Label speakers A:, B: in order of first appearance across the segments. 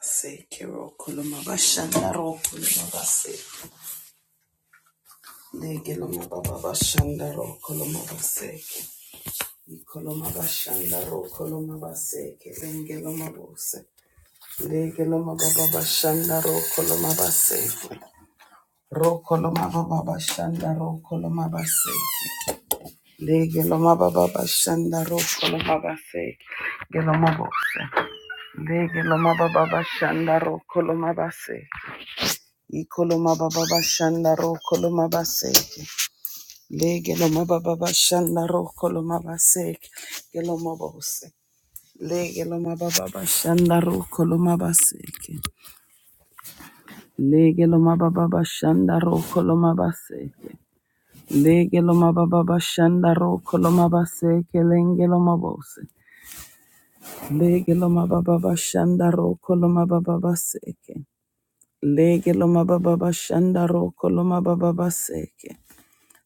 A: Sekiro Kolomaba Shandaro Kolomaba Se Negeloma Baba Shandaro Kolomaba Seke Kolomaba Shandaro Kolomaba Seke Lengeloma Bose Legeloma Baba Shandaro Kolomaba Seke Rokoloma Baba Shandaro Kolomaba Seke Legeloma Baba Shandaro Kolomaba Seke Geloma Bose Legeloma Baba Shandaro Kolomaba se Ikoloma baba bashanda ro koloma baseke. legeloma loma baba bashanda ro koloma baseke. Geloma bose. legeloma loma baba bashanda ro koloma baseke. legeloma loma baba bashanda ro koloma baseke. legeloma loma baba bashanda ro koloma baseke. Lenge loma bose. Lege baba bashanda ro koloma baba baseke. Lege baba bashanda ro koloma baba baseke.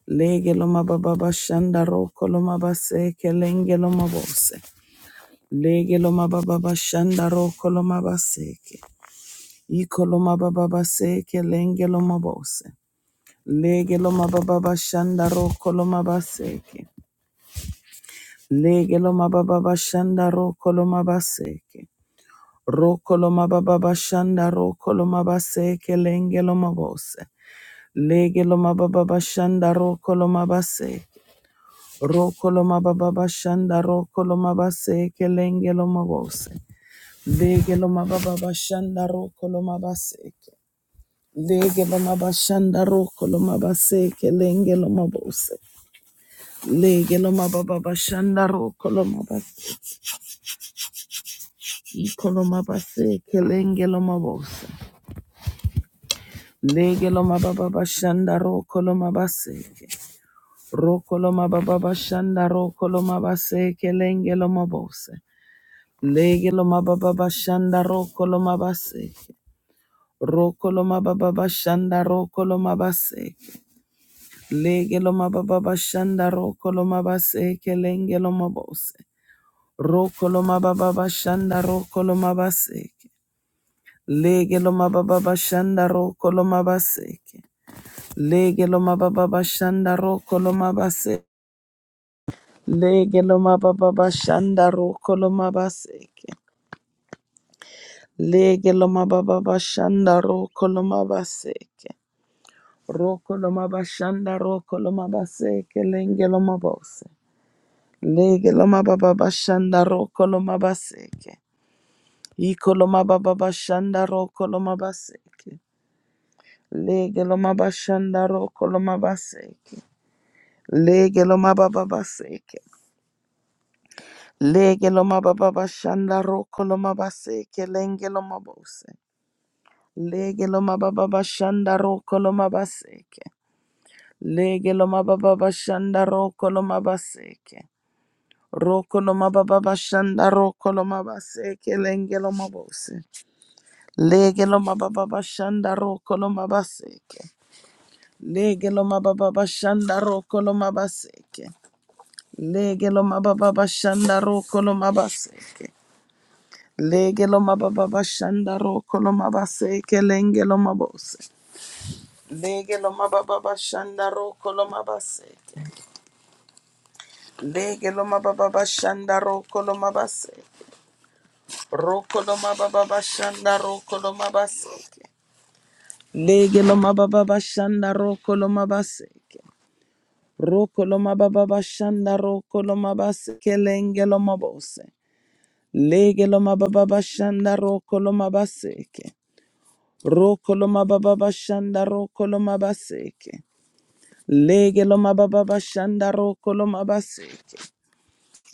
A: Lege loma baba bashanda roko loma baseke lenge loma bose. Lege loma baba bashanda roko loma baseke. Iko loma baba baseke lenge loma bose. Lege loma baba bashanda roko loma baseke. Lege loma baba bashanda roko loma baseke. Roko loma baba bashanda roko loma baseke lenge loma bose. Lege loma baba bashanda roko loma baseke. Rokoloma baba bashanda rokoloma baseke lengeloma bose. Legeloma baba bashanda rokoloma baseke. Legeloma bashanda rokoloma baseke lengeloma bose. Legeloma baba bashanda rokoloma baseke koloma baseke lengeloma bose. Legeloma baba bashanda rokoloma baseke. Rokoloma baba bashanda rokoloma baseke lengeloma bose. Lege lo mababa bashanda roko lo mabaseke. Roko lo mababa bashanda roko lo mabaseke. Lege lo mababa bashanda roko lo mabaseke lenge lo mabose. Roko lo mababa bashanda roko lo mabaseke. Lege lo mababa bashanda roko lo mabaseke. Lege lo mababa bashanda roko lo mabaseke. Lege lo mababa bashanda roko lo mabaseke. Lege loma baba bashanda roko loma baseke. Roko loma bashanda roko loma baseke lenge loma bose. Lege loma baba bashanda roko loma baseke. Iko loma baba bashanda roko loma baseke. Lege loma bashanda roko loma baseke. Lege loma baba baseke. Lege loma baba bashanda roko loma baseke lenge loma bose. Lege loma baba bashanda roko loma baseke. Lege lo mababa bashanda roko lo mabaseke. Roko lo mababa bashanda roko lo mabaseke lenge lo mabose. Lege lo mababa bashanda roko lo mabaseke. Lege lo mababa bashanda roko lo mabaseke. Lege lo mababa bashanda roko lo mabaseke. Lege lo mababa bashanda roko lo mabaseke lenge lo mabose. Lege lo mababa bashanda roko lo mabaseke. Lege loma baba bashanda roko loma base. Roko loma baba bashanda roko loma baseke. Lege loma baba bashanda roko loma baseke. Roko loma baba bashanda roko loma baseke lenge loma bose. Lege loma baba bashanda roko loma baseke. Roko loma baba bashanda roko loma baseke. Lege loma baba bashanda roko loma baseke.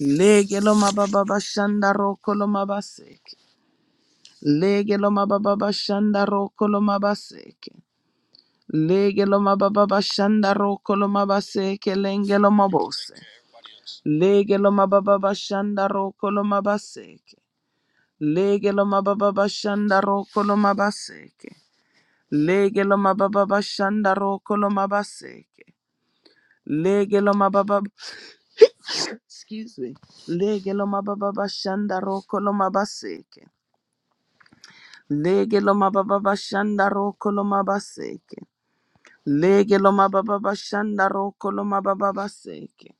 A: Lege lo mababa bashanda roko lo mabaseke. Lege lo mababa bashanda roko lo mabaseke. Lege lo mababa bashanda roko lo mabaseke lenge lo mabose. Lege lo mababa bashanda roko lo mabaseke. Lege lo mababa bashanda roko lo mabaseke. Lege lo mababa bashanda roko lo mabaseke. Lege lo mababa excuse me. Lege lo mababa bashanda roko lo mabaseke. Lege lo mababa bashanda roko lo mabaseke. Lege lo mababa bashanda roko lo mababa baseke.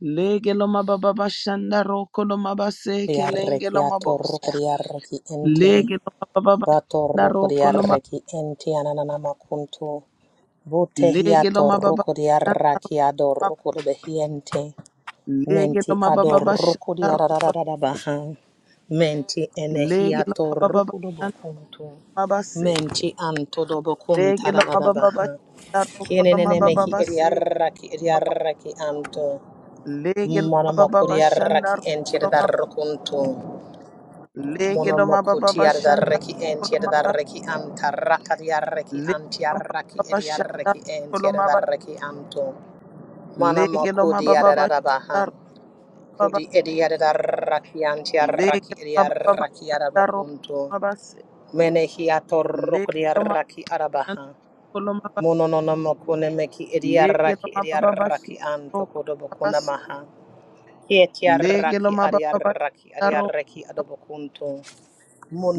A: Lege lo mababa bashanda roko lo mabaseke lenge
B: Diarreki
A: lo mabos.
B: atorruko diarreki ente.
A: Lege lo mababa bashanda
B: Batorruko
A: roko lo ma.
B: diarreki ente ananamakuntu. Butehi
A: Lege lo mababa
B: atorruko
A: bashanda
B: diarraki
A: mab-
B: adorruko debehiente.
A: Lege lo
B: Menti
A: mababa
B: adorruko
A: bashanda roko.
B: diarararabaha. Menti enehi
A: Lege lo mababa
B: atorruko
A: bashanda
B: dobokuntu.
A: mabaseke.
B: Menti anto
A: Lege
B: dobokunta
A: lo mababa
B: rarabaha.
A: bashanda roko lo mababa
B: Kienenenemehi
A: baseke.
B: ediarraki ediarraki anto.
A: Lege lo mababa
B: Manamako diarraki
A: bashanda
B: ente darrukuntu.
A: Legiloma
B: Monomoku
A: baba shanda
B: tiadaraki and
A: koloma ba
B: tiadaraki am tarakadiaraki am
A: legiloma
B: tiaraki
A: baba shanda
B: ediaraki and
A: koloma ba
B: tiadaraki amto. Manamoku
A: legiloma baba shanda
B: diadarabaha.
A: roba ba
B: Kudi
A: seke
B: ediadaraki am tiaraki
A: legiloma baba
B: ediaraki
A: shanda
B: arabakunto.
A: koloma ba se legiloma
B: Menehiatorokriaraki
A: shanda
B: arabaha.
A: koloma ba
B: Mononomokunemeki ediaraki
A: legiloma baba
B: ediaraki
A: shanda
B: anto
A: koloma ba se
B: kodobokunamaha. Kietiaraki
A: legiloma baba
B: ariaraki
A: shanda
B: ariaraki
A: koloma ba
B: adobokunto.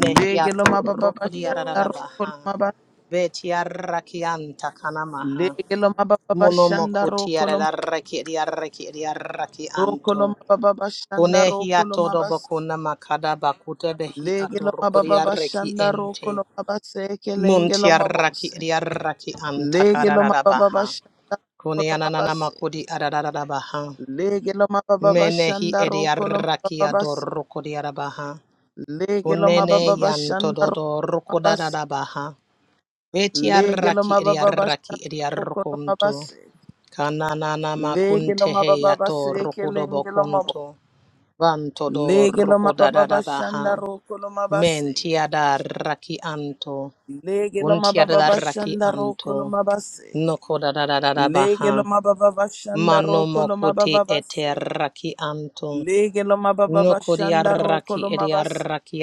A: legiloma baba shanda
B: rukuriararabaha.
A: koloma ba
B: Betiarrakianta kanamaha.
A: legiloma baba shanda koloma
B: Munomokutiarararaki anto.
A: rokoloma baba
B: Kunehiato
A: shanda
B: dobokunama kadaba kutebehi
A: Lege
B: ato
A: lo mababa
B: rukuriarraki
A: bashanda roko
B: ente.
A: lo mabaseke lenge lo
B: Muntiarraki
A: mabose.
B: riarraki anta
A: Lege lo mababa
B: karararabaha.
A: bashanda roko lo
B: Kuneananama kudi
A: mabaseke.
B: arararabaha.
A: Lege lo mababa
B: Menehi
A: bashanda roko lo
B: ediarraki
A: mababase.
B: adorukuriarabaha.
A: Lege lo
B: Unene
A: mababa
B: yanto
A: bashanda roko
B: dodo
A: lo mabase.
B: rukodarabaha. Beti
A: Lege lo
B: arraki edi
A: mababa
B: arraki
A: bashanda
B: edi
A: roko lo
B: arrokonto.
A: mabase.
B: Kananana
A: Lege lo
B: makunte
A: mababa
B: heyato
A: baseke
B: rokodobo
A: lenge lo
B: konto.
A: mabo.
B: Vanto do
A: Lege lo mababa
B: rokodadada baha.
A: bashanda roko lo
B: Menti
A: mabaseke.
B: adarraki anto.
A: Lege lo
B: Unti
A: mababa
B: adarraki
A: bashanda roko
B: anto.
A: lo mabaseke.
B: Nokodadadada baha.
A: Lege lo mababa bashanda
B: Mano
A: roko lo
B: mokuti
A: mababa
B: ete
A: base.
B: raki anto.
A: Lege lo mababa
B: No
A: bashanda roko
B: kodiaraki
A: lo mabase.
B: ediaraki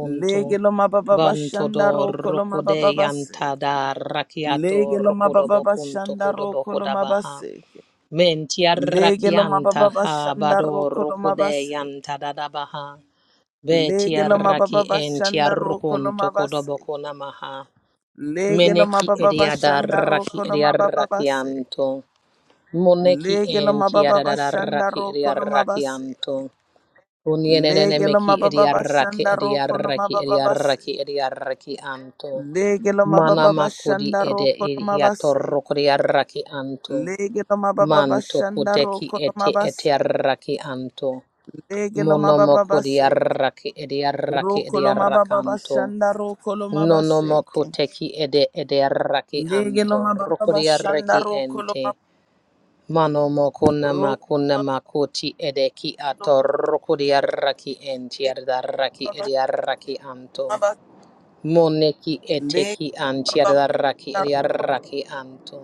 A: Lege lo mababa bashanda
B: Bantodo
A: roko lo
B: rokode
A: mababa base.
B: yantada rakiato
A: Lege lo mababa
B: rokodobokunto
A: bashanda roko lo
B: kodobohodabaha.
A: mabase. Lege lo mababa
B: Mentiarrakianta ha
A: bashanda
B: bado
A: roko lo
B: rokode
A: mabase.
B: yantadadabaha.
A: Lege lo mababa
B: Betiarraki
A: bashanda roko lo
B: entiarrokunto
A: mabase.
B: kodobokonamaha.
A: Lege lo
B: Meneki
A: mababa bashanda
B: ediadarraki
A: roko lo mababa base.
B: ediarrakianto. Moneki
A: Lege lo mababa bashanda
B: entiadarraki
A: roko lo mabase.
B: ediarrakianto.
A: Legelo
B: Unienenemeki
A: mababa
B: idiaraki
A: bashanda roko no
B: idiaraki
A: mababa
B: idiaraki
A: base.
B: idiaraki anto.
A: Legelo
B: mana
A: mababa
B: makodi
A: bashanda
B: ede
A: roko no mabase.
B: idiatorokodiaraki anto.
A: Legelo mababa
B: Manto
A: bashanda
B: kudeki
A: roko no
B: eti
A: mabase.
B: etiaraki anto.
A: Legelo mababa base.
B: Monomokodiaraki idiaraki
A: Roko lo mababa
B: idiarakanto.
A: bashanda roko lo mabase.
B: Nonomokuteki ede idiaraki
A: Legelo
B: anto.
A: mababa bashanda
B: Rokodiaraki
A: roko lo
B: ente.
A: mab
B: Mano mokuna
A: roko
B: makuna makuti edeki
A: lo
B: atorokuri arraki enti arraki edi
A: mababa
B: arraki anto. Moneki
A: legelo
B: eteki anti
A: mababa
B: arraki edi arraki anto.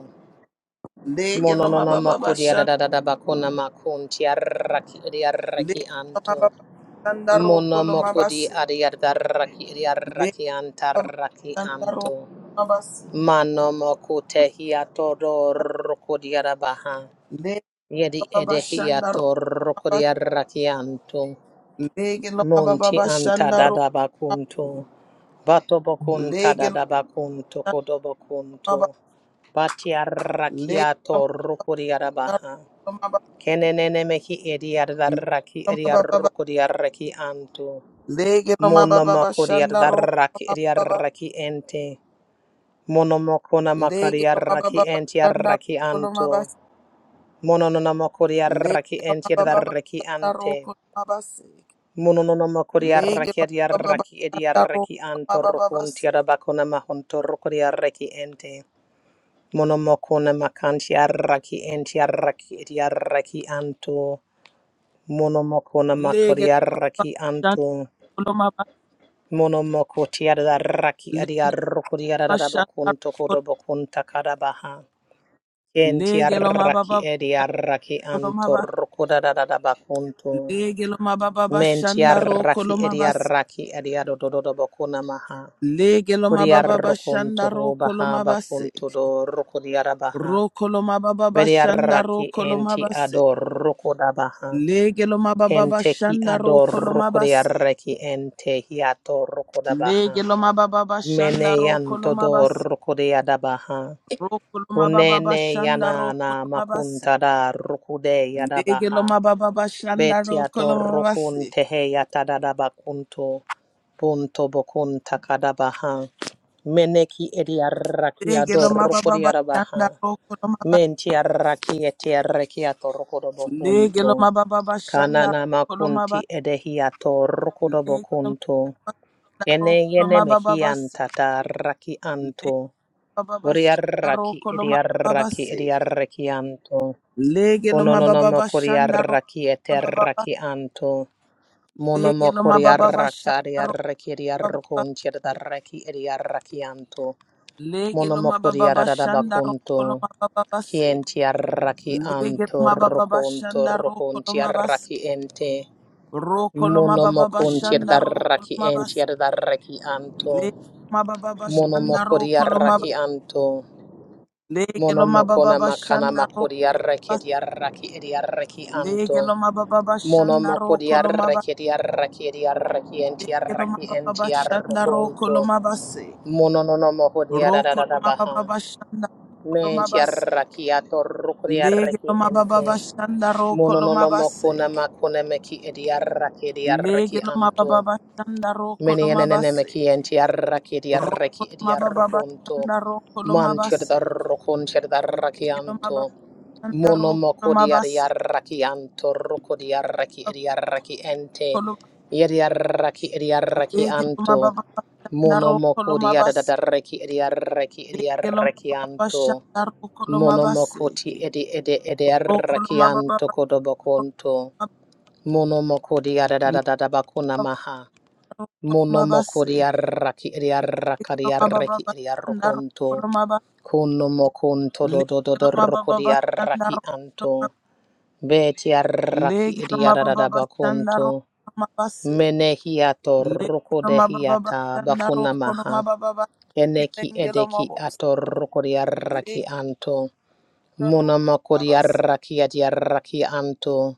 A: legelo
B: Mononono
A: mababa
B: makudi
A: bashanda
B: adadada bakuna makunti arraki edi arraki
A: legelo mababa
B: anto.
A: bashanda
B: Mono
A: roko lo
B: mokudi
A: mabase.
B: adi arraki edi arraki
A: Baba
B: antarraki
A: Shandaro
B: anto.
A: Mabasi.
B: Mano mokutehi atorokuri arabaha.
A: Le
B: Yedi
A: Baba Shandaro
B: edehiato rokodia
A: Mabasi.
B: rakianto.
A: Lege lo
B: Monti
A: Baba
B: anta
A: Shandaro
B: dada bakunto. Bato bokunta
A: Lege lo
B: dada bakunto kodo
A: Mababa.
B: bokunto. Batia
A: Lege lo
B: rakiato rokodia rabaha.
A: Mababa.
B: Kenenene mehi edia raki edia rokodia rakianto.
A: Lege lo Mababa
B: Monomokodia
A: Shandaro
B: raki edia
A: Mababa.
B: raki ente. Monomokona
A: Lege
B: makaria
A: lo Mababa
B: raki ente
A: Shandaro
B: rakianto.
A: Mabasi.
B: Monononamokori
A: Lege
B: arraki
A: lo
B: enti
A: Mababa
B: adarraki
A: Shandaro
B: ante.
A: Mabasi.
B: Monononamokori
A: Lege
B: arraki
A: lo Mababa
B: adiarraki
A: Shandaro
B: ediarraki antorrokunti
A: Mababasi.
B: adabakona mahontorrokori arraki ente. Monomokona makanti arraki enti arraki ediarraki anto. Monomokona
A: Lege
B: makori
A: lo Mababa
B: arraki anto.
A: Shandaro Mabasi.
B: Monomokoti adarraki adiarrokori
A: Bashanda
B: adadabakunto
A: ro-
B: kodobokunta kadabaha. Enti
A: lege lo mababa
B: arraki
A: bashanda
B: ediarraki
A: maba
B: antorrokodadadabakunto.
A: lege mababa bashanda ro
B: Mentiaraki
A: koloma bas
B: ediaraki ediadododobokuna maha.
A: lege lo mababa bashanda
B: Kuriarrokunto
A: ro
B: ho
A: koloma
B: baha
A: basek
B: bakunto do rokodiara baha.
A: ro koloma baba bashanda ro
B: Beriaraki
A: koloma
B: enti
A: basek
B: ador rokoda baha.
A: lege mababa
B: Kenteki
A: bashanda ro
B: ador
A: koloma basek
B: rokodiaraki ente hiato rokoda baha.
A: lege mababa bashanda ro
B: Meneyanto
A: koloma
B: do
A: bas
B: rokodiada baha.
A: ro koloma baba
B: Kunene
A: bashanda ro
B: yanana
A: koloma basek
B: makuntada rokude yada
A: lege
B: baha.
A: mababa bashanda ro
B: Betiato
A: koloma
B: rokun
A: basek
B: teheya tadadaba bakunto punto bokun takadabaha. Meneki
A: Legelo
B: ediarakiado
A: mababa bashanda
B: rokodiarabaha.
A: rokolo maba.
B: Mentiaraki etiarakiato
A: Legelo
B: rokodobokunto.
A: mababa bashanda
B: Kanana
A: rokolo maba.
B: makunti edehiato
A: Legelo
B: rokodobokunto.
A: mababa
B: Kene
A: rokolo
B: yene
A: mababa base.
B: mehianta taraki
A: Legelo
B: anto.
A: mababa bashanda
B: Boriaraki
A: rokolo mababa
B: ediaraki
A: baseke.
B: ediaraki anto.
A: Legelo
B: Kononono
A: mababa bashanda rokolo
B: makoriaraki
A: mababa
B: eteraki
A: base.
B: anto.
A: Legelo
B: Monomokori
A: mababa
B: arraka
A: bashanda rokolo
B: ariarraki
A: mababa base.
B: ariarrokon tierdarraki ariarrakianto.
A: Legelo
B: Monomokori
A: mababa bashanda
B: arararabakonto.
A: rokolo mababa base.
B: Kien tiarraki
A: Legelo
B: anto
A: mababa
B: rokonto
A: bashanda
B: rokon
A: rokolo mabase.
B: tiarraki ente.
A: Rokolo mababa
B: Monomokon
A: bashanda rokolo
B: tierdarraki en
A: mabase.
B: tierdarraki anto.
A: Le mababa shandaro
B: Monomokori
A: kolomaba
B: arraki anto.
A: lege lo
B: Monomokona
A: mababa
B: makana
A: shandaro
B: makori arraki
A: bas
B: ariarraki ariarraki
A: lege
B: anto.
A: lo mababa
B: Mono moko
A: shandaro
B: di
A: kolomaba
B: arraki di arraki di arraki enti
A: lege lo
B: arraki
A: mababa
B: enti
A: shandaro
B: arrokonto.
A: kolomaba se
B: Mono no no moko di
A: ro
B: ararara baha.
A: kolomaba shandaro
B: Menti
A: kolomaba seke
B: arraki atorruku di
A: lege lo
B: arraki
A: mababa
B: ente.
A: shandaro
B: Mono no no
A: kolomaba
B: moko na
A: seke
B: mako na meki edi arraki di
A: lege
B: arraki
A: lo
B: anto.
A: mababa shandaro
B: Many an
A: kolomaba
B: enemiki and
A: seke
B: tiaraki
A: ro
B: diaraki
A: kolomaba
B: diarconto.
A: shandaro kolomaba
B: Mantur the
A: seke
B: roconcher the
A: lege lo mababa
B: rakianto.
A: shandaro
B: Monomoko
A: kolomaba seke
B: diarrakianto roco diaraki diaraki ente.
A: Legelo
B: Yeriaraki diaraki anto.
A: Legelo
B: Monomoko diaraki diaraki diarrakianto. Monomokoti edi edi ediarrakianto kodoboconto. Monomoko diarada bakuna maha. Monomoko diarraki do do do Kunomokunto dodododoroko diarraki anto. beti Betiarraki diarradabakunto. Menehiato roko dehiata bakunamaha. Eneki edeki ato roko diarraki anto. Monomoko diarraki diarraki anto.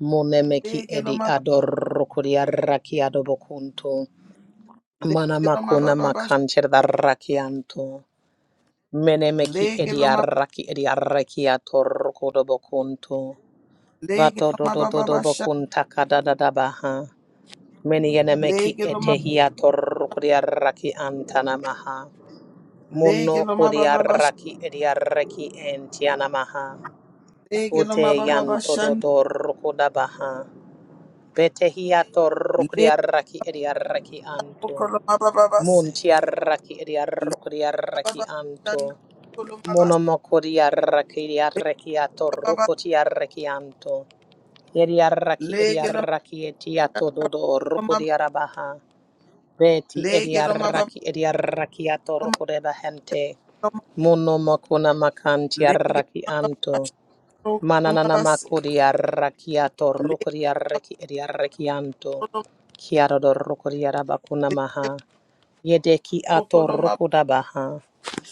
B: Monemeki edi adoroko diarraki adobokunto. Mana
A: lege loma
B: makuna
A: bababa
B: makancher darrakianto. Mene meki
A: lege loma
B: ediarraki ediarrakiato rokodo bokunto.
A: lege
B: Bato do
A: loma
B: do do do
A: bababa sha
B: bokunta kada da da baha. Mene yene meki
A: lege loma
B: etehiato rokodiarraki antanamaha.
A: lege
B: Mono
A: loma bababa sha
B: kodiarraki ediarraki entianamaha.
A: lege loma
B: Ute
A: bababa
B: yanto
A: sha
B: do do rokoda baha. Betehiato
A: lege
B: rokodiarraki ediarraki anto.
A: koloma bababa
B: Mun
A: seke
B: tiaraki
A: loma
B: idiaroko diaraki
A: bababa sha
B: anto.
A: koloma bababa
B: Monomoko diaraki diaraki ato roko tiaraki anto. Idiaraki
A: lege
B: idiaraki etiato dodo roko
A: bababa
B: diarabaha. Beti
A: lege loma loma lege loma bababa
B: idiaraki idiaraki ato
A: loma
B: roko debahente.
A: loma
B: Monomoko namakan
A: lege
B: tiaraki
A: loma bababa
B: anto.
A: sha koloma bababa
B: Manananamako
A: seke
B: diaraki ato roko
A: lege
B: diaraki idiaraki anto.
A: koloma
B: Kiarodor roko diarabakuna
A: lege
B: maha. Yedeki ato
A: koloma
B: rukudabaha.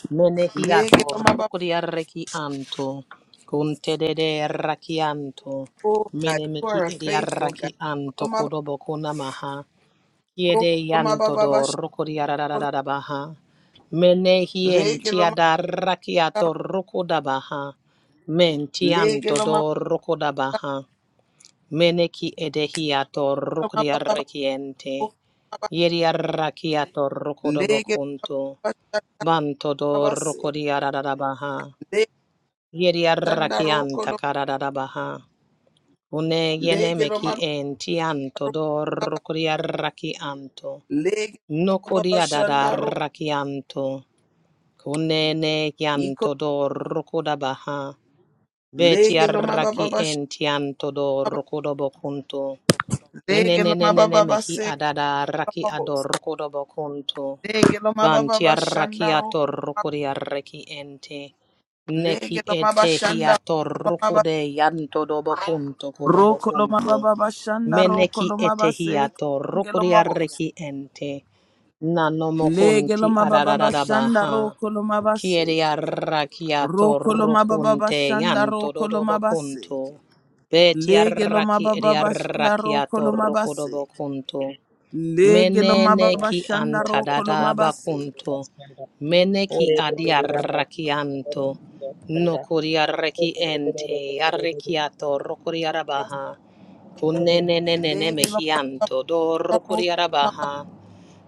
B: Menehi
A: lege
B: ato
A: loma bababa
B: rukudiareki anto. Kuntedede raki anto,
A: oh God you are
B: Menemeki
A: a faithful
B: ediaraki anto
A: God
B: kodobokunamaha. Yede
A: Okoloma
B: yanto
A: baba
B: do
A: bashakolo
B: rukudiaradabaha. Menehi
A: lege loma
B: entiadaraki ato
A: karo
B: rukudabaha.
A: lege
B: Mentianto
A: loma
B: do rukudabaha. Meneki edehiato
A: loma baba
B: rukriarrekiente.
A: baba
B: Yeriarrakiato
A: lege
B: rukodobokunto.
A: loma shakolo
B: Banto do
A: base
B: rukodiaradabaha.
A: lege shandaro
B: Yeriarrakianta
A: kolo
B: karadadabaha. Une
A: lege
B: yenemeki
A: loma
B: entianto
A: baba
B: do
A: baba
B: rukriarrakianto.
A: lege loma baba shandaro
B: Nokodiadadarrakianto. Kunene
A: iko
B: kianto do rukodabaha.
A: lege loma baba
B: Betiarraki
A: baba
B: entianto do rukodobokunto.
A: lege loma baba
B: Enenenenenemehi
A: base
B: adada raki
A: loma bos
B: adorokodobokonto.
A: lege loma
B: Vanti arraki atorokodi arreki ente. Neki etehi atorokode yanto dobokonto
A: roko loma
B: kodobokonto.
A: baba baba
B: Meneki etehi atorokodi arreki ente.
A: Lege lo
B: Nanomokonti
A: mababa bashanda
B: adadadabaha.
A: roko lo
B: Kieri
A: mabaseke.
B: arrakiato
A: Roko lo mababa
B: rukunte
A: bashanda
B: yanto
A: roko lo
B: dodobo kunto.
A: mabaseke.
B: Beti
A: Lege lo
B: arraki eri
A: mababa bashanda roko
B: arrakiato
A: lo
B: rukodobo
A: mabaseke.
C: Thank
B: kunto.
A: Lege lo mababa
B: Menene ki
A: bashanda roko lo
B: antadada
A: mabaseke.
B: bakunto. Mene
A: Lege lo
B: ki
A: mababa bashanda
B: adiarrakianto. No kuriarreki ente. Yarrekiato rokuriarabaha. Kunenenenene
A: Lege lo
B: mehianto. Do
A: mababa roko lo maba-
B: rokuriarabaha.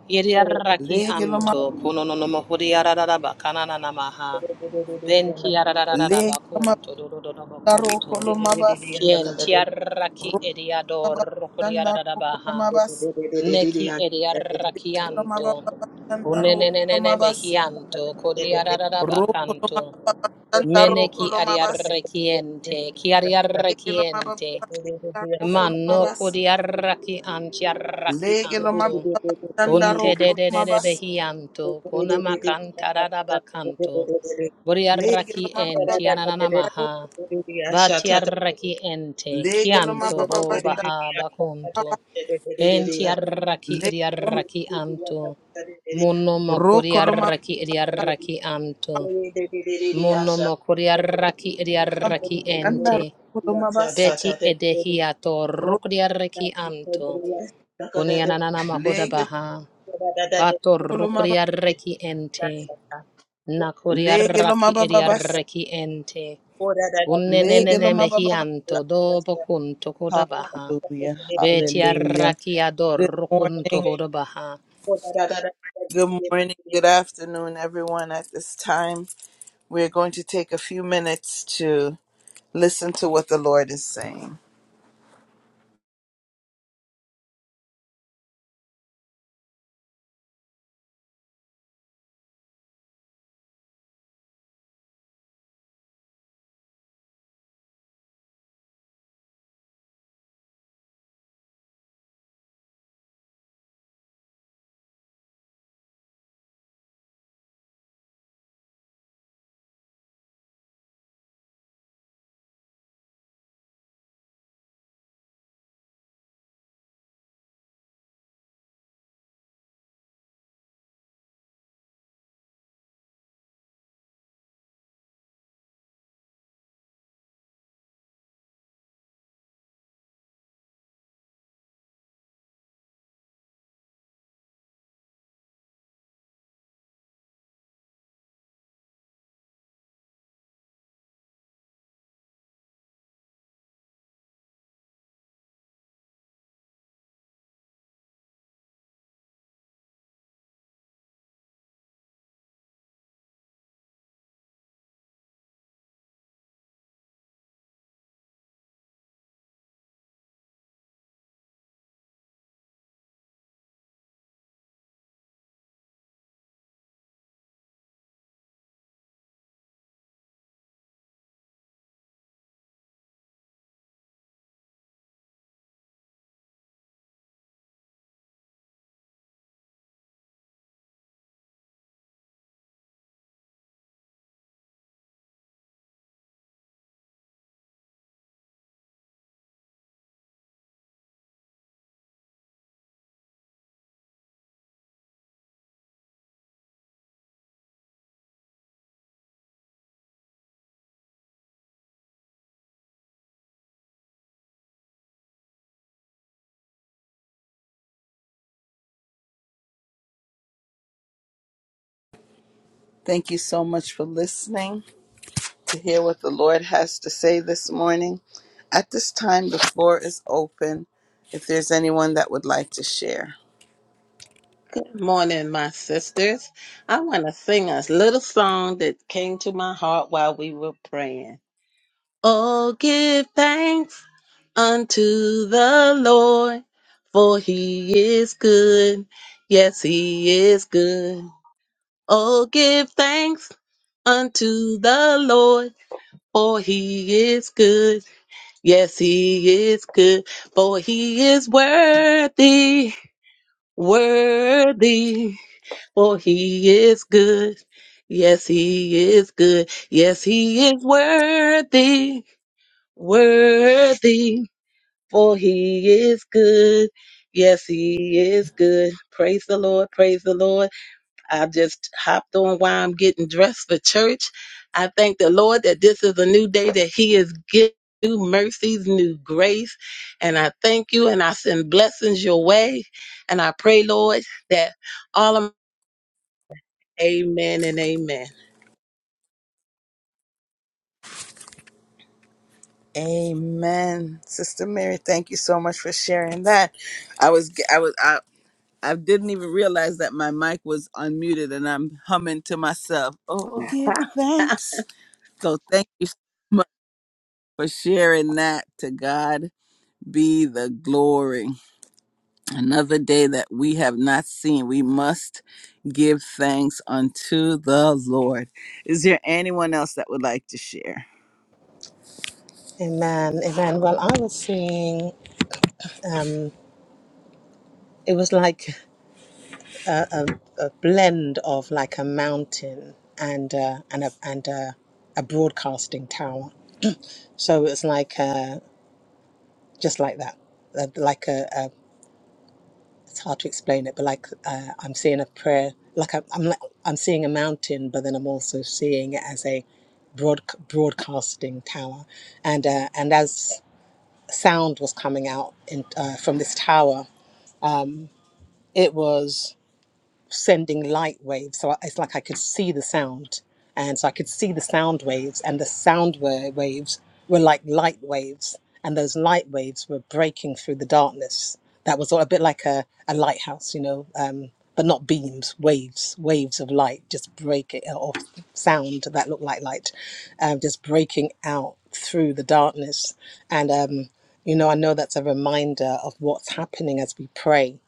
B: Yeriarraki
A: Lege lo mababa
B: anto. Kunononomo kuriararaba kanananamaha. Ben
A: lege
B: kiarararaba
A: lo
B: kunto. Do do do do
A: mababa roko lo
B: bakunto.
A: mabaseke.
B: Kien tiarraki
A: Roko
B: ediador
A: mababa bashanda roko lo
B: rokuriarabaha.
A: mabaseke.
B: Neki
A: Lo
B: ediarrakianto.
A: mababa bashanda roko lo
B: Unenenene
A: mabaseke.
B: mehianto. Kodiarada bacanto.
A: Sandaro
B: Meneki
A: Colomabas,
B: adiarrequiente.
A: Egelomabas,
B: Chiariarrequiente.
A: Andaro
B: Manno
A: Colomabas,
B: kodiarraki antiarraki anto.
A: Legelomabas, Sandaro
B: Conte de
C: you.
B: de de de
A: Colomabas,
B: behianto.
C: Yes,
B: Conamacanta da Boriarraki
A: Legelomabas,
B: enti ananamaha. Batiarraki ente. Chianto ho
A: Legelomabas,
B: baha baconto. Entiarraki
A: Legelom,
B: ediarraki anto.
A: Rocolomabas,
B: Monomokoriarraki ediarraki anto. Monomokoriarraki ediarraki
A: Sandaro
B: ente.
A: Colomabas,
B: Beti edehiato
A: Ro,
B: rukriareki anto. Kunianana mahoda
A: Legel
B: baha. Bato
A: Colomabas,
B: rukriareki ente. Nakuriaraki
A: Legelomabas,
B: ediareki ente. Unenenene
A: Legelomabas.
B: mehianto do bokunto koda baha.
A: Hallelujah,
B: Beti
A: hallelujah.
B: araki ador
A: Good
B: rukunto
A: morning,
B: hoda baha.
A: good morning, good afternoon, everyone at this time. We're going to take a few minutes to listen to what the Lord is saying. Thank you so much for listening to hear what the Lord has to say this morning. At this time, the floor is open if there's anyone that would like to share.
C: Morning, sisters. I want to sing a little song that came to my heart while we were praying. Oh, give thanks unto the Lord, for he is good. Yes, he is good. Oh, give thanks unto the Lord, for he is good. Yes, he is good, for he is worthy, worthy, for he is good. Yes, he is good. Yes, he is worthy, worthy, for he is good. Yes, he is good. Praise the Lord, praise the Lord. I've just hopped on while I'm getting dressed for church. I thank the Lord that this is a new day that He is giving new mercies, new grace. And I thank you and I send blessings your way. And I pray, Lord, that all of Amen and amen.
A: Amen. Sister Mary, thank you so much for sharing that. I was, I was, I, I didn't even realize that my mic was unmuted and I'm humming to myself. Oh, oh, give
C: Huh?
A: thanks. So thank you so much for sharing that. To God be the glory. Another day that we have not seen. We must give thanks unto the Lord. Is there anyone else that would like to share?
B: Amen. Amen. Well, I was seeing it was like a blend of like a mountain and uh, and a and a, a broadcasting tower. So it's like uh, just like that, Uh, like a, a it's hard to explain it, but like uh, I'm seeing a prayer, like I'm I'm, like, I'm seeing a mountain, but then I'm also seeing it as a broad broadcasting tower, and uh, and as sound was coming out in, uh, from this tower, it was. sending light waves. So I- it's like I could see the sound. And so I could see the sound waves, and the sound wa- waves were like light waves. And those light waves were breaking through the darkness. That was sort of a bit like a, a lighthouse, you know, um, but not beams, waves, waves of light just breaking, uh, or sound that looked like light, um, just breaking out through the darkness. And, um, you know, I know that's a reminder of what's happening as we pray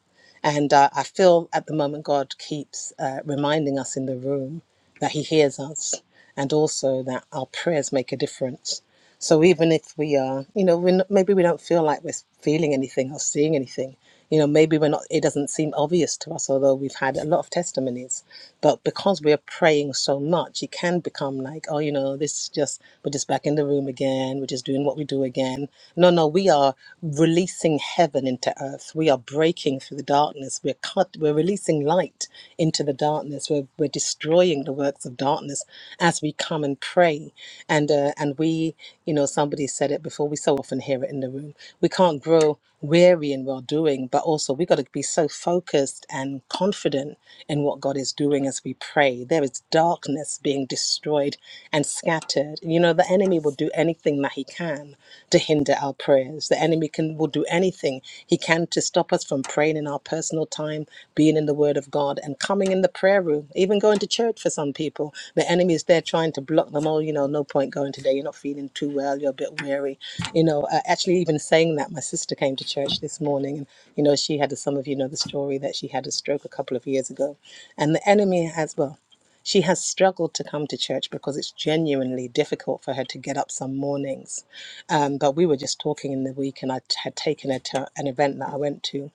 B: and uh, I feel at the moment God keeps uh, reminding us in the room that He hears us and also that our prayers make a difference. So even if we are, you know, we're not, maybe we don't feel like we're feeling anything or seeing anything. You know, maybe we're not. It doesn't seem obvious to us, although we've had a lot of testimonies. But because we are praying so much, it can become like, oh, you know, this is just we're just back in the room again. We're just doing what we do again. No, no, we are releasing heaven into earth. We are breaking through the darkness. We're cut. We're releasing light into the darkness. We're, we're destroying the works of darkness as we come and pray. And, uh, and we, you know, somebody said it before, we so often hear it in the room. We can't grow weary in well doing, but also we got to be so focused and confident in what God is doing as we pray. There is darkness being destroyed and scattered. You know, the enemy will do anything that he can to hinder hinder our prayers. The enemy can will do anything he can to stop us from praying in our personal time, being in the Word of God, and coming in the prayer room, even going to church for some people. The enemy is there trying to block them. Oh, you know, no point going today. You're not feeling too well. You're a bit weary. You know, uh, actually, even saying that, my sister came to church this morning, and you know, she had. as Some of you know the story that she had a stroke a couple of years ago, and the enemy has well. She has struggled to come to church because it's genuinely difficult for her to get up some mornings. Um, but we were just talking in the week, and I t- had taken her to an event that I went to,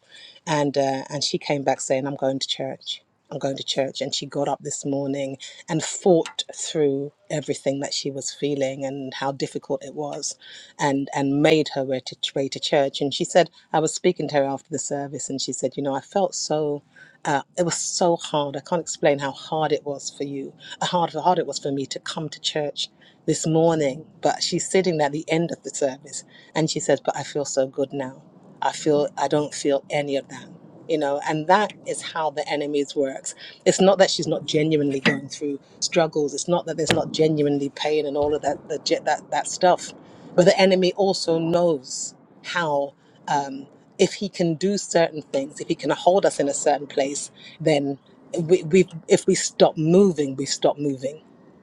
B: and uh, and she came back saying, "I'm going to church." I'm going to church, and she got up this morning and fought through everything that she was feeling and how difficult it was, and and made her way to way to church. And she said, I was speaking to her after the service, and she said, you know, I felt so. Uh, it was so hard. I can't explain how hard it was for you, how hard, how hard it was for me to come to church this morning. But she's sitting at the end of the service and she says, But I feel so good now. I feel, I don't feel any of that. You know, and that is how the enemies works. It's not that she's not genuinely going through struggles. It's not that there's not genuinely pain and all of that, the, ge- that, that stuff. But the enemy also knows how um, if he can do certain things, if he can hold us in a certain place, then we, we if we stop moving, we stop moving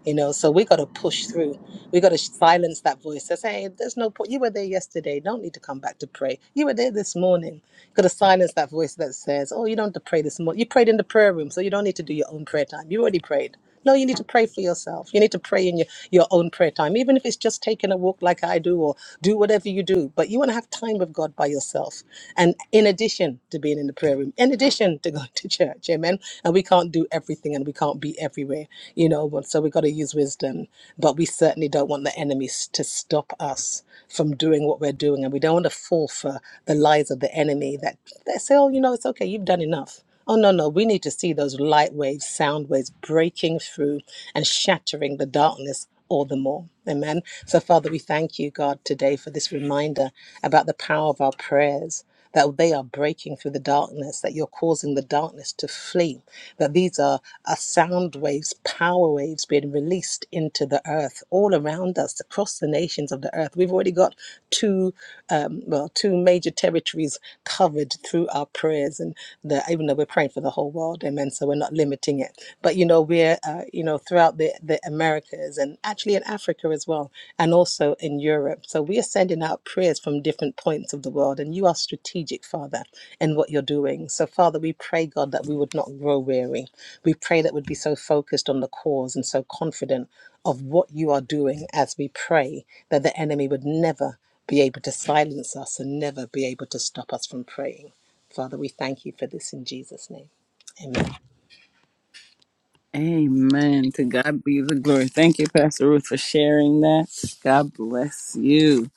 B: you know so we got to push through we got to silence that voice that says, hey, there's no point you were there yesterday don't need to come back to pray you were there this morning got to silence that voice that says oh you don't have to pray this morning you prayed in the prayer room so you don't need to do your own prayer time you already prayed no you need to pray for yourself you need to pray in your, your own prayer time even if it's just taking a walk like i do or do whatever you do but you want to have time with god by yourself and in addition to being in the prayer room in addition to going to church. Amen. And we can't do everything and we can't be everywhere, you know, but so we got to use wisdom. But we certainly don't want the enemies to stop us from doing what we're doing. And we don't want to fall for the lies of the enemy that they say, oh, you know, it's okay, you've done enough. Oh, no, no, we need to see those light waves, sound waves breaking through and shattering the darkness all the more. Amen. So, Father, we thank you, God, today for this reminder about the power of our prayers that they are breaking through the darkness, that you're causing the darkness to flee, that these are, are sound waves, power waves being released into the earth all around us, across the nations of the earth. We've already got two, um, well, two major territories covered through our prayers, and the, even though we're praying for the whole world, amen. So we're not limiting it, but you know we're, uh, you know, throughout the the Americas. Americas and actually in Africa as well, and also in Europe. So we are sending out prayers from different points of the world, and you are strategic, Father, in what you're doing. So, Father, we pray, God, that we would not grow weary. We pray that we'd be so focused on the cause and so confident of what you are doing as we pray that the enemy would never be able to silence us and never be able to stop us from praying. Father, we thank you for this in Jesus' name. Amen.
A: Amen. To God be the glory. Thank you, Pastor Ruth, for sharing that. God bless you.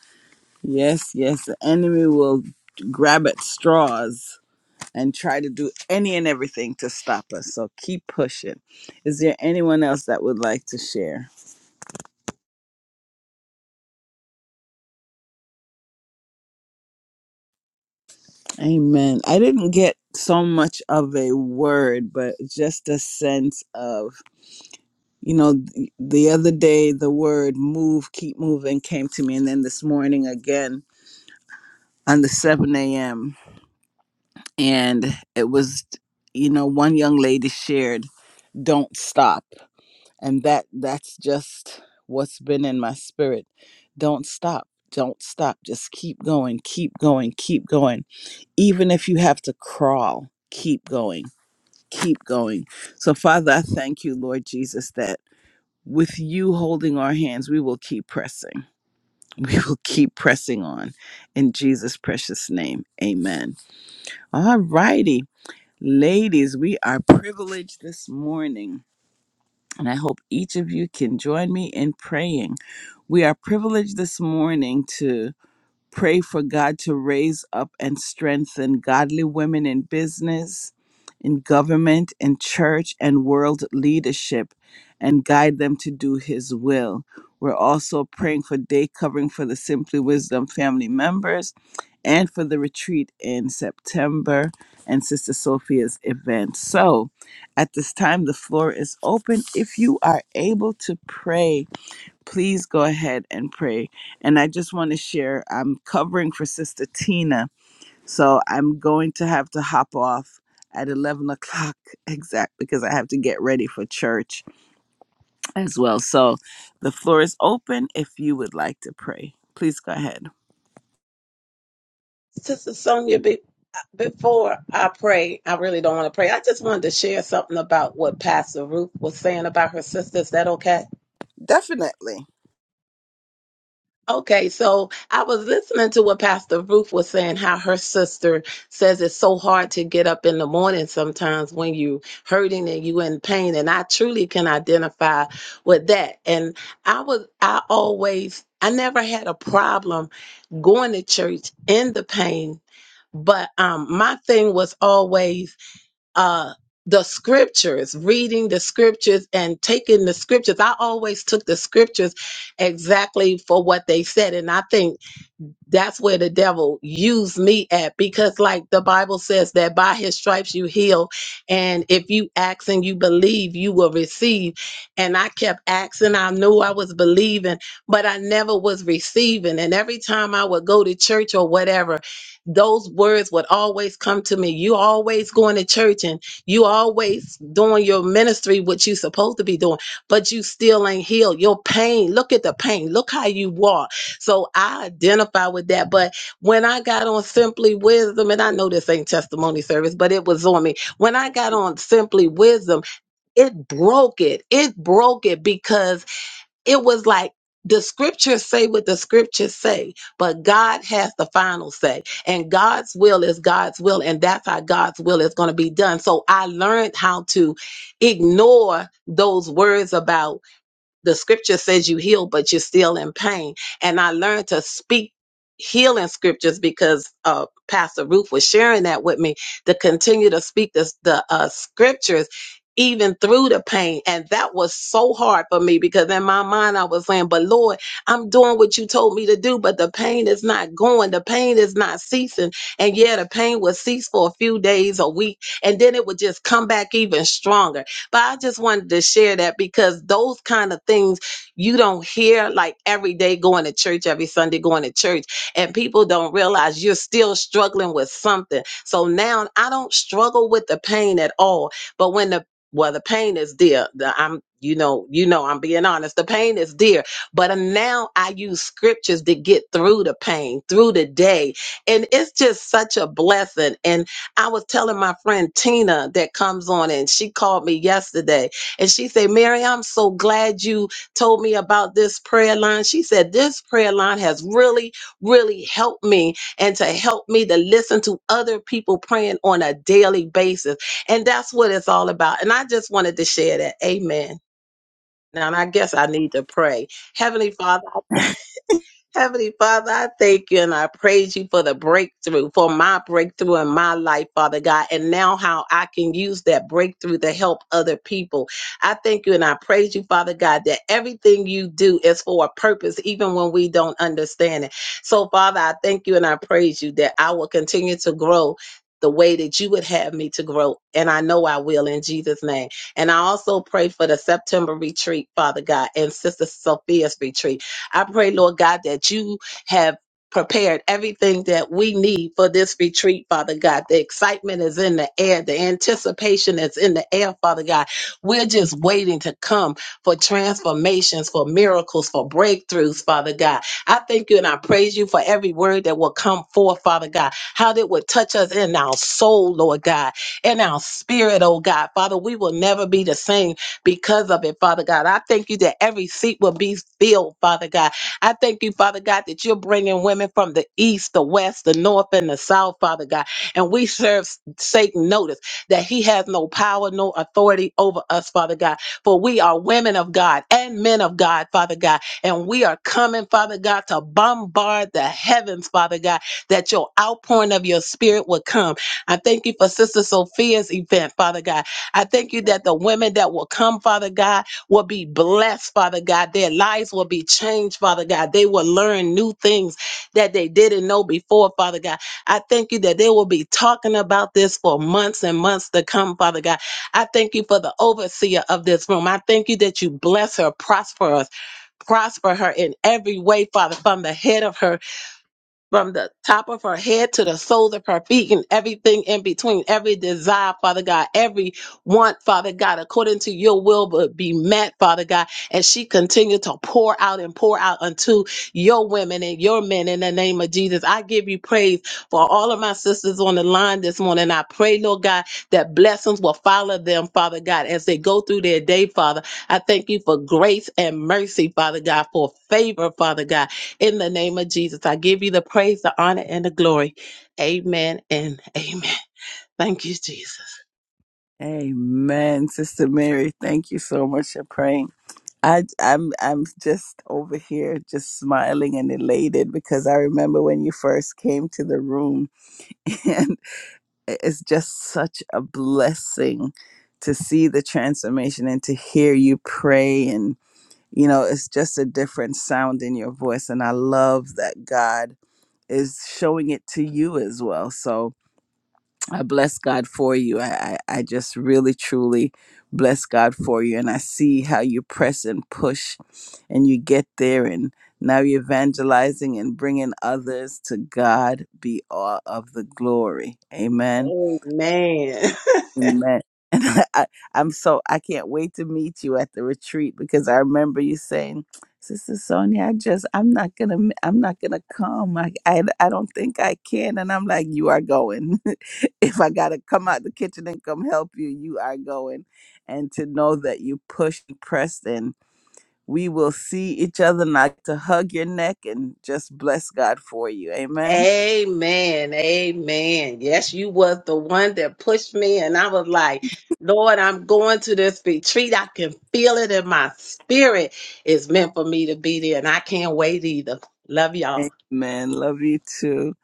A: Yes, yes. The enemy will grab at straws and try to do any and everything to stop us. So keep pushing. Is there anyone else that would like to share? Amen. I didn't get so much of a word, but just a sense of, you know, th- the other day the word move, keep moving came to me. And then this morning again on the 7 a.m. And it was, you know, one young lady shared, don't stop. And that that's just what's been in my spirit. Don't stop. Don't stop. Just keep going, keep going, keep going. Even if you have to crawl, keep going keep going. So, Father, I thank you, Lord Jesus, that with you holding our hands, we will keep pressing. We will keep pressing on. In Jesus' precious name, amen. All righty, ladies, we are privileged this morning. And I hope each of you can join me in praying. We are privileged this morning Pray for God to raise up and strengthen godly women in business, in government, in church, and world leadership, and guide them to do His will. We're also praying for day covering for the Simply Wisdom family members and for the retreat in September and Sister Sophia's event. So, at this time, the floor is open. If you are able to pray, please go ahead and pray. And I just want to share I'm covering for Sister Tina, so I'm going to have to hop off at 11 o'clock exact because I have to get ready for church as well. So the floor is open if you would like to pray. Please go ahead.
C: Sister Sonia, be, before I pray, I really don't want to pray. I just wanted to share something about what Pastor Ruth was saying about her sister. Is that okay?
A: Definitely.
C: Okay, so I was listening to what Pastor Ruth was saying, how her sister says it's so hard to get up in the morning sometimes when you hurting and you in pain. And I truly can identify with that. And I was I always I never had a problem going to church in the pain, but um my thing was always uh the scriptures reading the scriptures and taking the scriptures i always took the scriptures exactly for what they said and i think that's where the devil used me at because like the bible says that by his stripes you heal and if you ask and you believe you will receive and i kept asking i knew i was believing but i never was receiving and every time i would go to church or whatever those words would always come to me you always going to church and you always doing your ministry what you supposed to be doing but you still ain't healed your pain look at the pain look how you walk so I identify with that. But when I got on Simply Wisdom, and I know this ain't testimony service, but it was on me. When I got on Simply Wisdom, it broke it. It broke it because it was like, the scriptures say what the scriptures say, but God has the final say. And God's will is God's will, and that's how God's will is going to be done. So I learned how to ignore those words about the scripture says you heal, but you're still in pain. And I learned to speak healing scriptures because uh, Pastor Ruth was sharing that with me to continue to speak the, the uh, scriptures even through the pain. And that was so hard for me because in my mind I was saying, but Lord, I'm doing what you told me to do, but the pain is not going. The pain is not ceasing. And yeah, the pain would cease for a few days, a week, and then it would just come back even stronger but I just wanted to share that because those kind of things you don't hear like every day going to church, every Sunday going to church, and people don't realize you're still struggling with something. So now I don't struggle with the pain at all. But when the well, the pain is there. The- I'm, you know, you know, I'm being honest. The pain is there, but uh, now I use scriptures to get through the pain, through the day, and it's just such a blessing. And I was telling my friend Tina that comes on and she called me yesterday and she said, Mary, I'm so glad you told me about this prayer line. She said, This prayer line has really, really helped me and to help me to listen to other people praying on a daily basis. And that's what it's all about. And I just wanted to share that. Amen. Now, and I guess I need to pray. Heavenly Father, Heavenly Father, I thank you and I praise you for the breakthrough, for my breakthrough in my life, Father God, and now how I can use that breakthrough to help other people. I thank you and I praise you, Father God, that everything you do is for a purpose, even when we don't understand it. So, Father, I thank you and I praise you that I will continue to grow. The way that you would have me to grow. And I know I will in Jesus' name. And I also pray for the September retreat, Father God, and Sister Sophia's retreat. I pray, Lord God, that you have prepared everything that we need for this retreat, Father God. The excitement is in the air, the anticipation is in the air, Father God. We're just waiting to come for transformations, for miracles, for breakthroughs, Father God. I thank you and I praise you for every word that will come forth, Father God, how that would touch us in our soul, Lord God, in our spirit, oh God. Father, we will never be the same because of it, Father God. I thank you that every seat will be filled, Father God. I thank you, Father God, that you're bringing women from the east, the west, the north, and the south, Father God. And we serve Satan notice that he has no power, no authority over us, Father God. For we are women of God and men of God, Father God. And we are coming, Father God, to bombard the heavens, Father God, that your outpouring of your spirit will come. I thank you for Sister Sophia's event, Father God. I thank you that the women that will come, Father God, will be blessed, Father God. Their lives will be changed, Father God. They will learn new things that they didn't know before, Father God. I thank you that they will be talking about this for months and months to come, Father God. I thank you for the overseer of this room. I thank you that you bless her, prosper us, prosper her in every way, Father, from the head of her from the top of her head to the soles of her feet and everything in between, every desire, Father God, every want, Father God, according to your will would be met, Father God. And she continued to pour out and pour out unto your women and your men in the name of Jesus. I give you praise for all of my sisters on the line this morning. I pray, Lord God, that blessings will follow them, Father God, as they go through their day, Father. I thank you for grace and mercy, Father God, for favor, Father God. In the name of Jesus, I give you the praise, the honor, and the glory. Amen and amen. Thank you, Jesus.
A: Amen, Sister Mary. Thank you so much for praying. I, I'm I'm just over here, just smiling and elated because I remember when you first came to the room, and it's just such a blessing to see the transformation and to hear you pray, and you know, it's just a different sound in your voice, and I love that God is showing it to you as well. So I bless God for you. I, I, I just really, truly bless God for you. And I see how you press and push and you get there. And now you're evangelizing and bringing others to God be all of the glory. Amen.
C: Amen.
A: Amen. And I, I, I'm so I can't wait to meet you at the retreat because I remember you saying, "Sister Sonia, I just I'm not gonna m- I'm not gonna come. I I, I don't think I can." And I'm like, "You are going. if I gotta come out the kitchen and come help you, you are going." And to know that you pushed, and pressed, and we will see each other, not to hug your neck and just bless God for you. Amen.
C: Amen. Amen. Yes, you was the one that pushed me and I was like, Lord, I'm going to this retreat. I can feel it in my spirit. It's meant for me to be there and I can't wait either. Love y'all.
A: Amen. Love you too.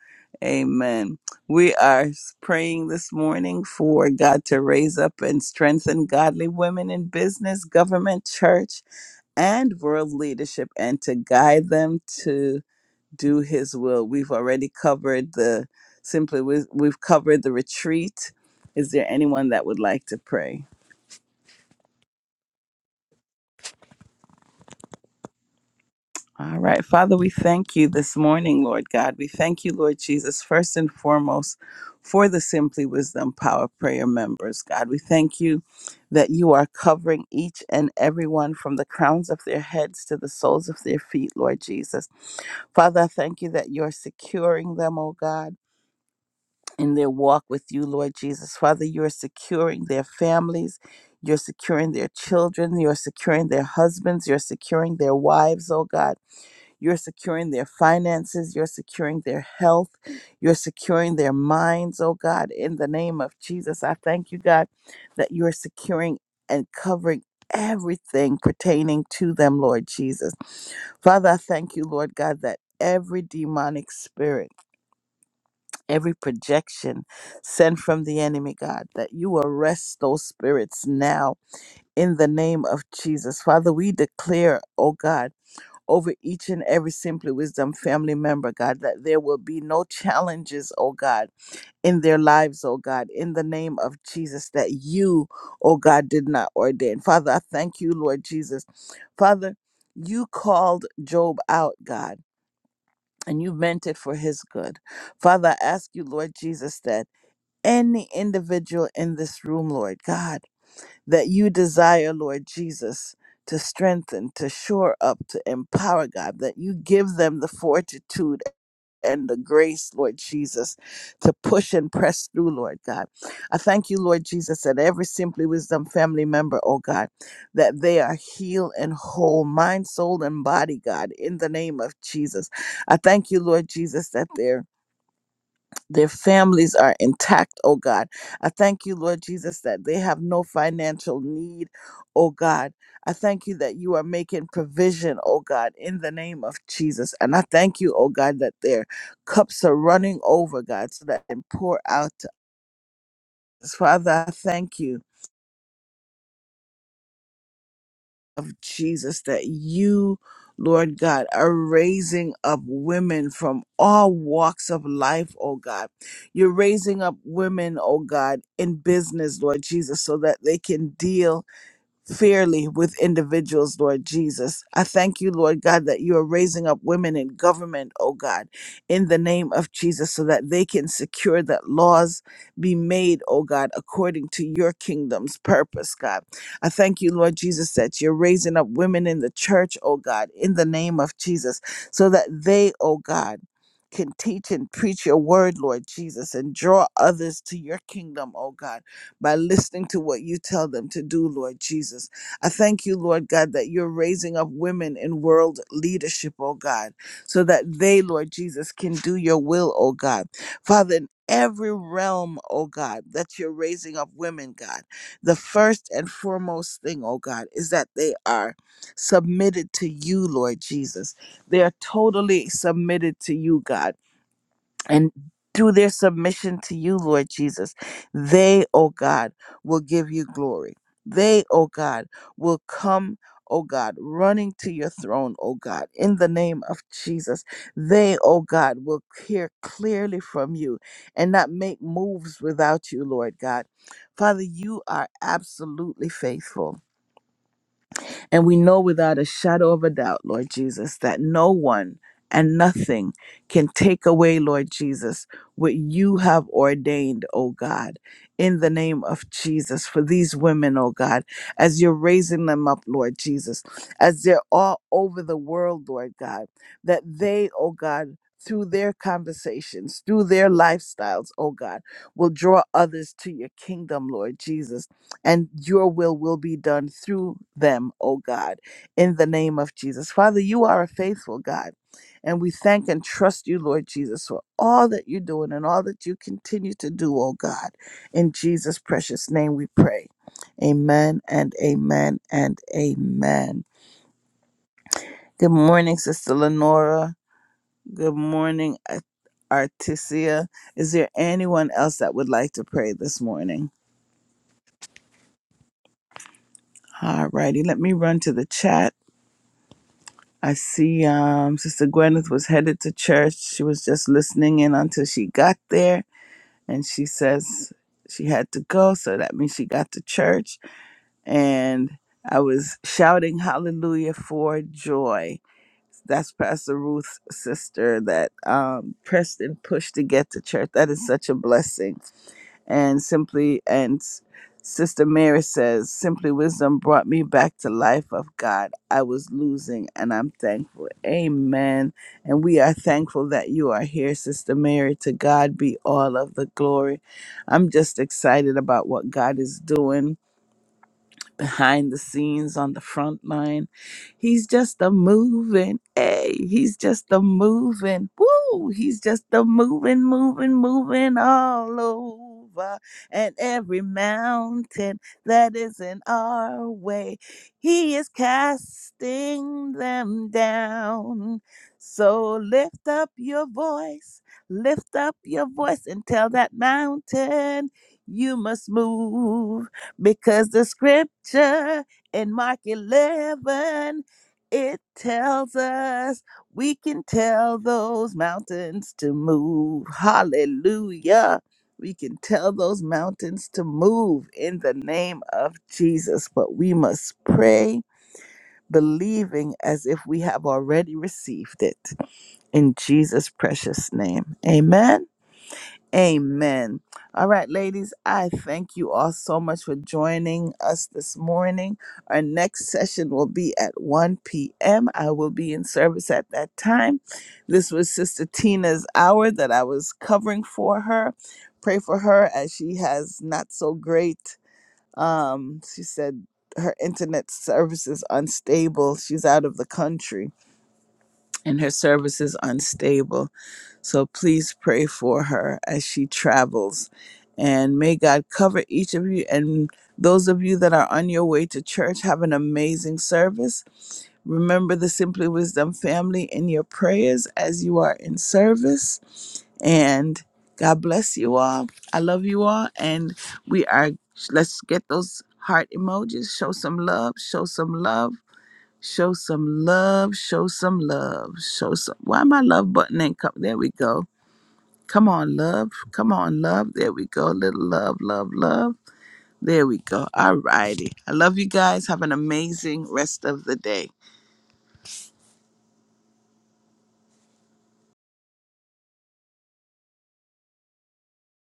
A: Amen. We are praying this morning for God to raise up and strengthen godly women in business, government, church, and world leadership and to guide them to do his will. We've already covered the simply, we- we've covered the retreat. Is there anyone that would like to pray? All right, Father, we thank you this morning, Lord God. We thank you, Lord Jesus, first and foremost for the Simply Wisdom Power Prayer members, God. We thank you that you are covering each and everyone from the crowns of their heads to the soles of their feet, Lord Jesus. Father, I thank you that you're securing them, oh God, in their walk with you, Lord Jesus. Father, you're securing their families. You're securing their children. You're securing their husbands. You're securing their wives, oh God. You're securing their finances. You're securing their health. You're securing their minds, oh God, in the name of Jesus. I thank you, God, that you're securing and covering everything pertaining to them, Lord Jesus. Father, I thank you, Lord God, that every demonic spirit, every projection sent from the enemy, God, that you arrest those spirits now in the name of Jesus. Father, we declare, oh God, over each and every Simply Wisdom family member, God, that there will be no challenges, oh God, in their lives, oh God, in the name of Jesus, that you, oh God, did not ordain. Father, I thank you, Lord Jesus. Father, you called Job out, God. And you meant it for his good. Father, I ask you, Lord Jesus, that any individual in this room, Lord God, that you desire, Lord Jesus, to strengthen, to shore up, to empower, God, that you give them the fortitude and the grace, Lord Jesus, to push and press through, Lord God. I thank you, Lord Jesus, that every Simply Wisdom family member, oh God, that they are healed and whole, mind, soul, and body, God, in the name of Jesus. I thank you, Lord Jesus, that they're their families are intact, oh God. I thank you, Lord Jesus, that they have no financial need, oh God. I thank you that you are making provision, oh God, in the name of Jesus. And I thank you, oh God, that their cups are running over, God, so that they can pour out to us. Father, I thank you. of Jesus that you, Lord God, are raising up women from all walks of life, oh God. You're raising up women, oh God, in business, Lord Jesus, so that they can deal fairly with individuals, Lord Jesus. I thank you, Lord God, that you are raising up women in government, oh God, in the name of Jesus, so that they can secure that laws be made, oh God, according to your kingdom's purpose, God. I thank you, Lord Jesus, that you're raising up women in the church, oh God, in the name of Jesus, so that they, oh God, can teach and preach your word, Lord Jesus, and draw others to your kingdom, oh God by listening to what you tell them to do, Lord Jesus. I thank you, Lord God, that you're raising up women in world leadership, oh God, so that they, Lord Jesus, can do your will, oh God. Father, in every realm, oh God, that you're raising up women, God, the first and foremost thing, oh God, is that they are submitted to you, Lord Jesus. They are totally submitted to you, God and through their submission to you, Lord Jesus, they, oh God, will give you glory. They, oh God, will come, oh God, running to your throne, oh God, in the name of Jesus. They, oh God, will hear clearly from you and not make moves without you, Lord God. Father, you are absolutely faithful. And we know without a shadow of a doubt, Lord Jesus, that no one and nothing can take away, Lord Jesus, what you have ordained, oh God, in the name of Jesus for these women, oh God, as you're raising them up, Lord Jesus, as they're all over the world, Lord God, that they, oh God, through their conversations, through their lifestyles, oh God, will draw others to your kingdom, Lord Jesus and your will will be done through them, O God, in the name of Jesus. Father, you are a faithful God, and we thank and trust you, Lord Jesus, for all that you're doing and all that you continue to do, O God. In Jesus' precious name we pray. Amen and amen and amen. Good morning, Sister Lenora. Good morning, Ar- Artisia. Is there anyone else that would like to pray this morning? All righty, let me run to the chat I see um, Sister Gwyneth was headed to church. She was just listening in until she got there, and she says she had to go, so that means she got to church. And I was shouting hallelujah for joy. That's Pastor Ruth's sister that um, pressed and pushed to get to church. That is such a blessing and simply and S- sister mary says simply wisdom brought me back to life of god i was losing and i'm thankful amen and we are thankful that you are here sister mary to god be all of the glory i'm just excited about what god is doing behind the scenes on the front line. He's just a moving, hey, he's just a moving, woo, he's just a moving, moving, moving all over. And every mountain that is in our way, he is casting them down. So lift up your voice, lift up your voice and tell that mountain you must move because the scripture in Mark 11 it tells us we can tell those mountains to move. Hallelujah. We can tell those mountains to move in the name of Jesus, but we must pray believing as if we have already received it in Jesus precious name. Amen. Amen. All right, ladies, I thank you all so much for joining us this morning. Our next session will be at 1 p.m. I will be in service at that time. This was Sister Tina's hour that I was covering for her. Pray for her as she has not so great. Um, she said her internet service is unstable. She's out of the country and her service is unstable. So please pray for her as she travels. And may God cover each of you. And those of you that are on your way to church, have an amazing service. Remember the Simply Wisdom family in your prayers as you are in service. And God bless you all. I love you all. And we are, let's get those heart emojis. Show some love. Show some love. Show some love. Show some love. Show some. Why my love button ain't come? There we go. Come on, love. Come on, love. There we go. Little love, love, love. There we go. All righty. I love you guys. Have an amazing rest of the day.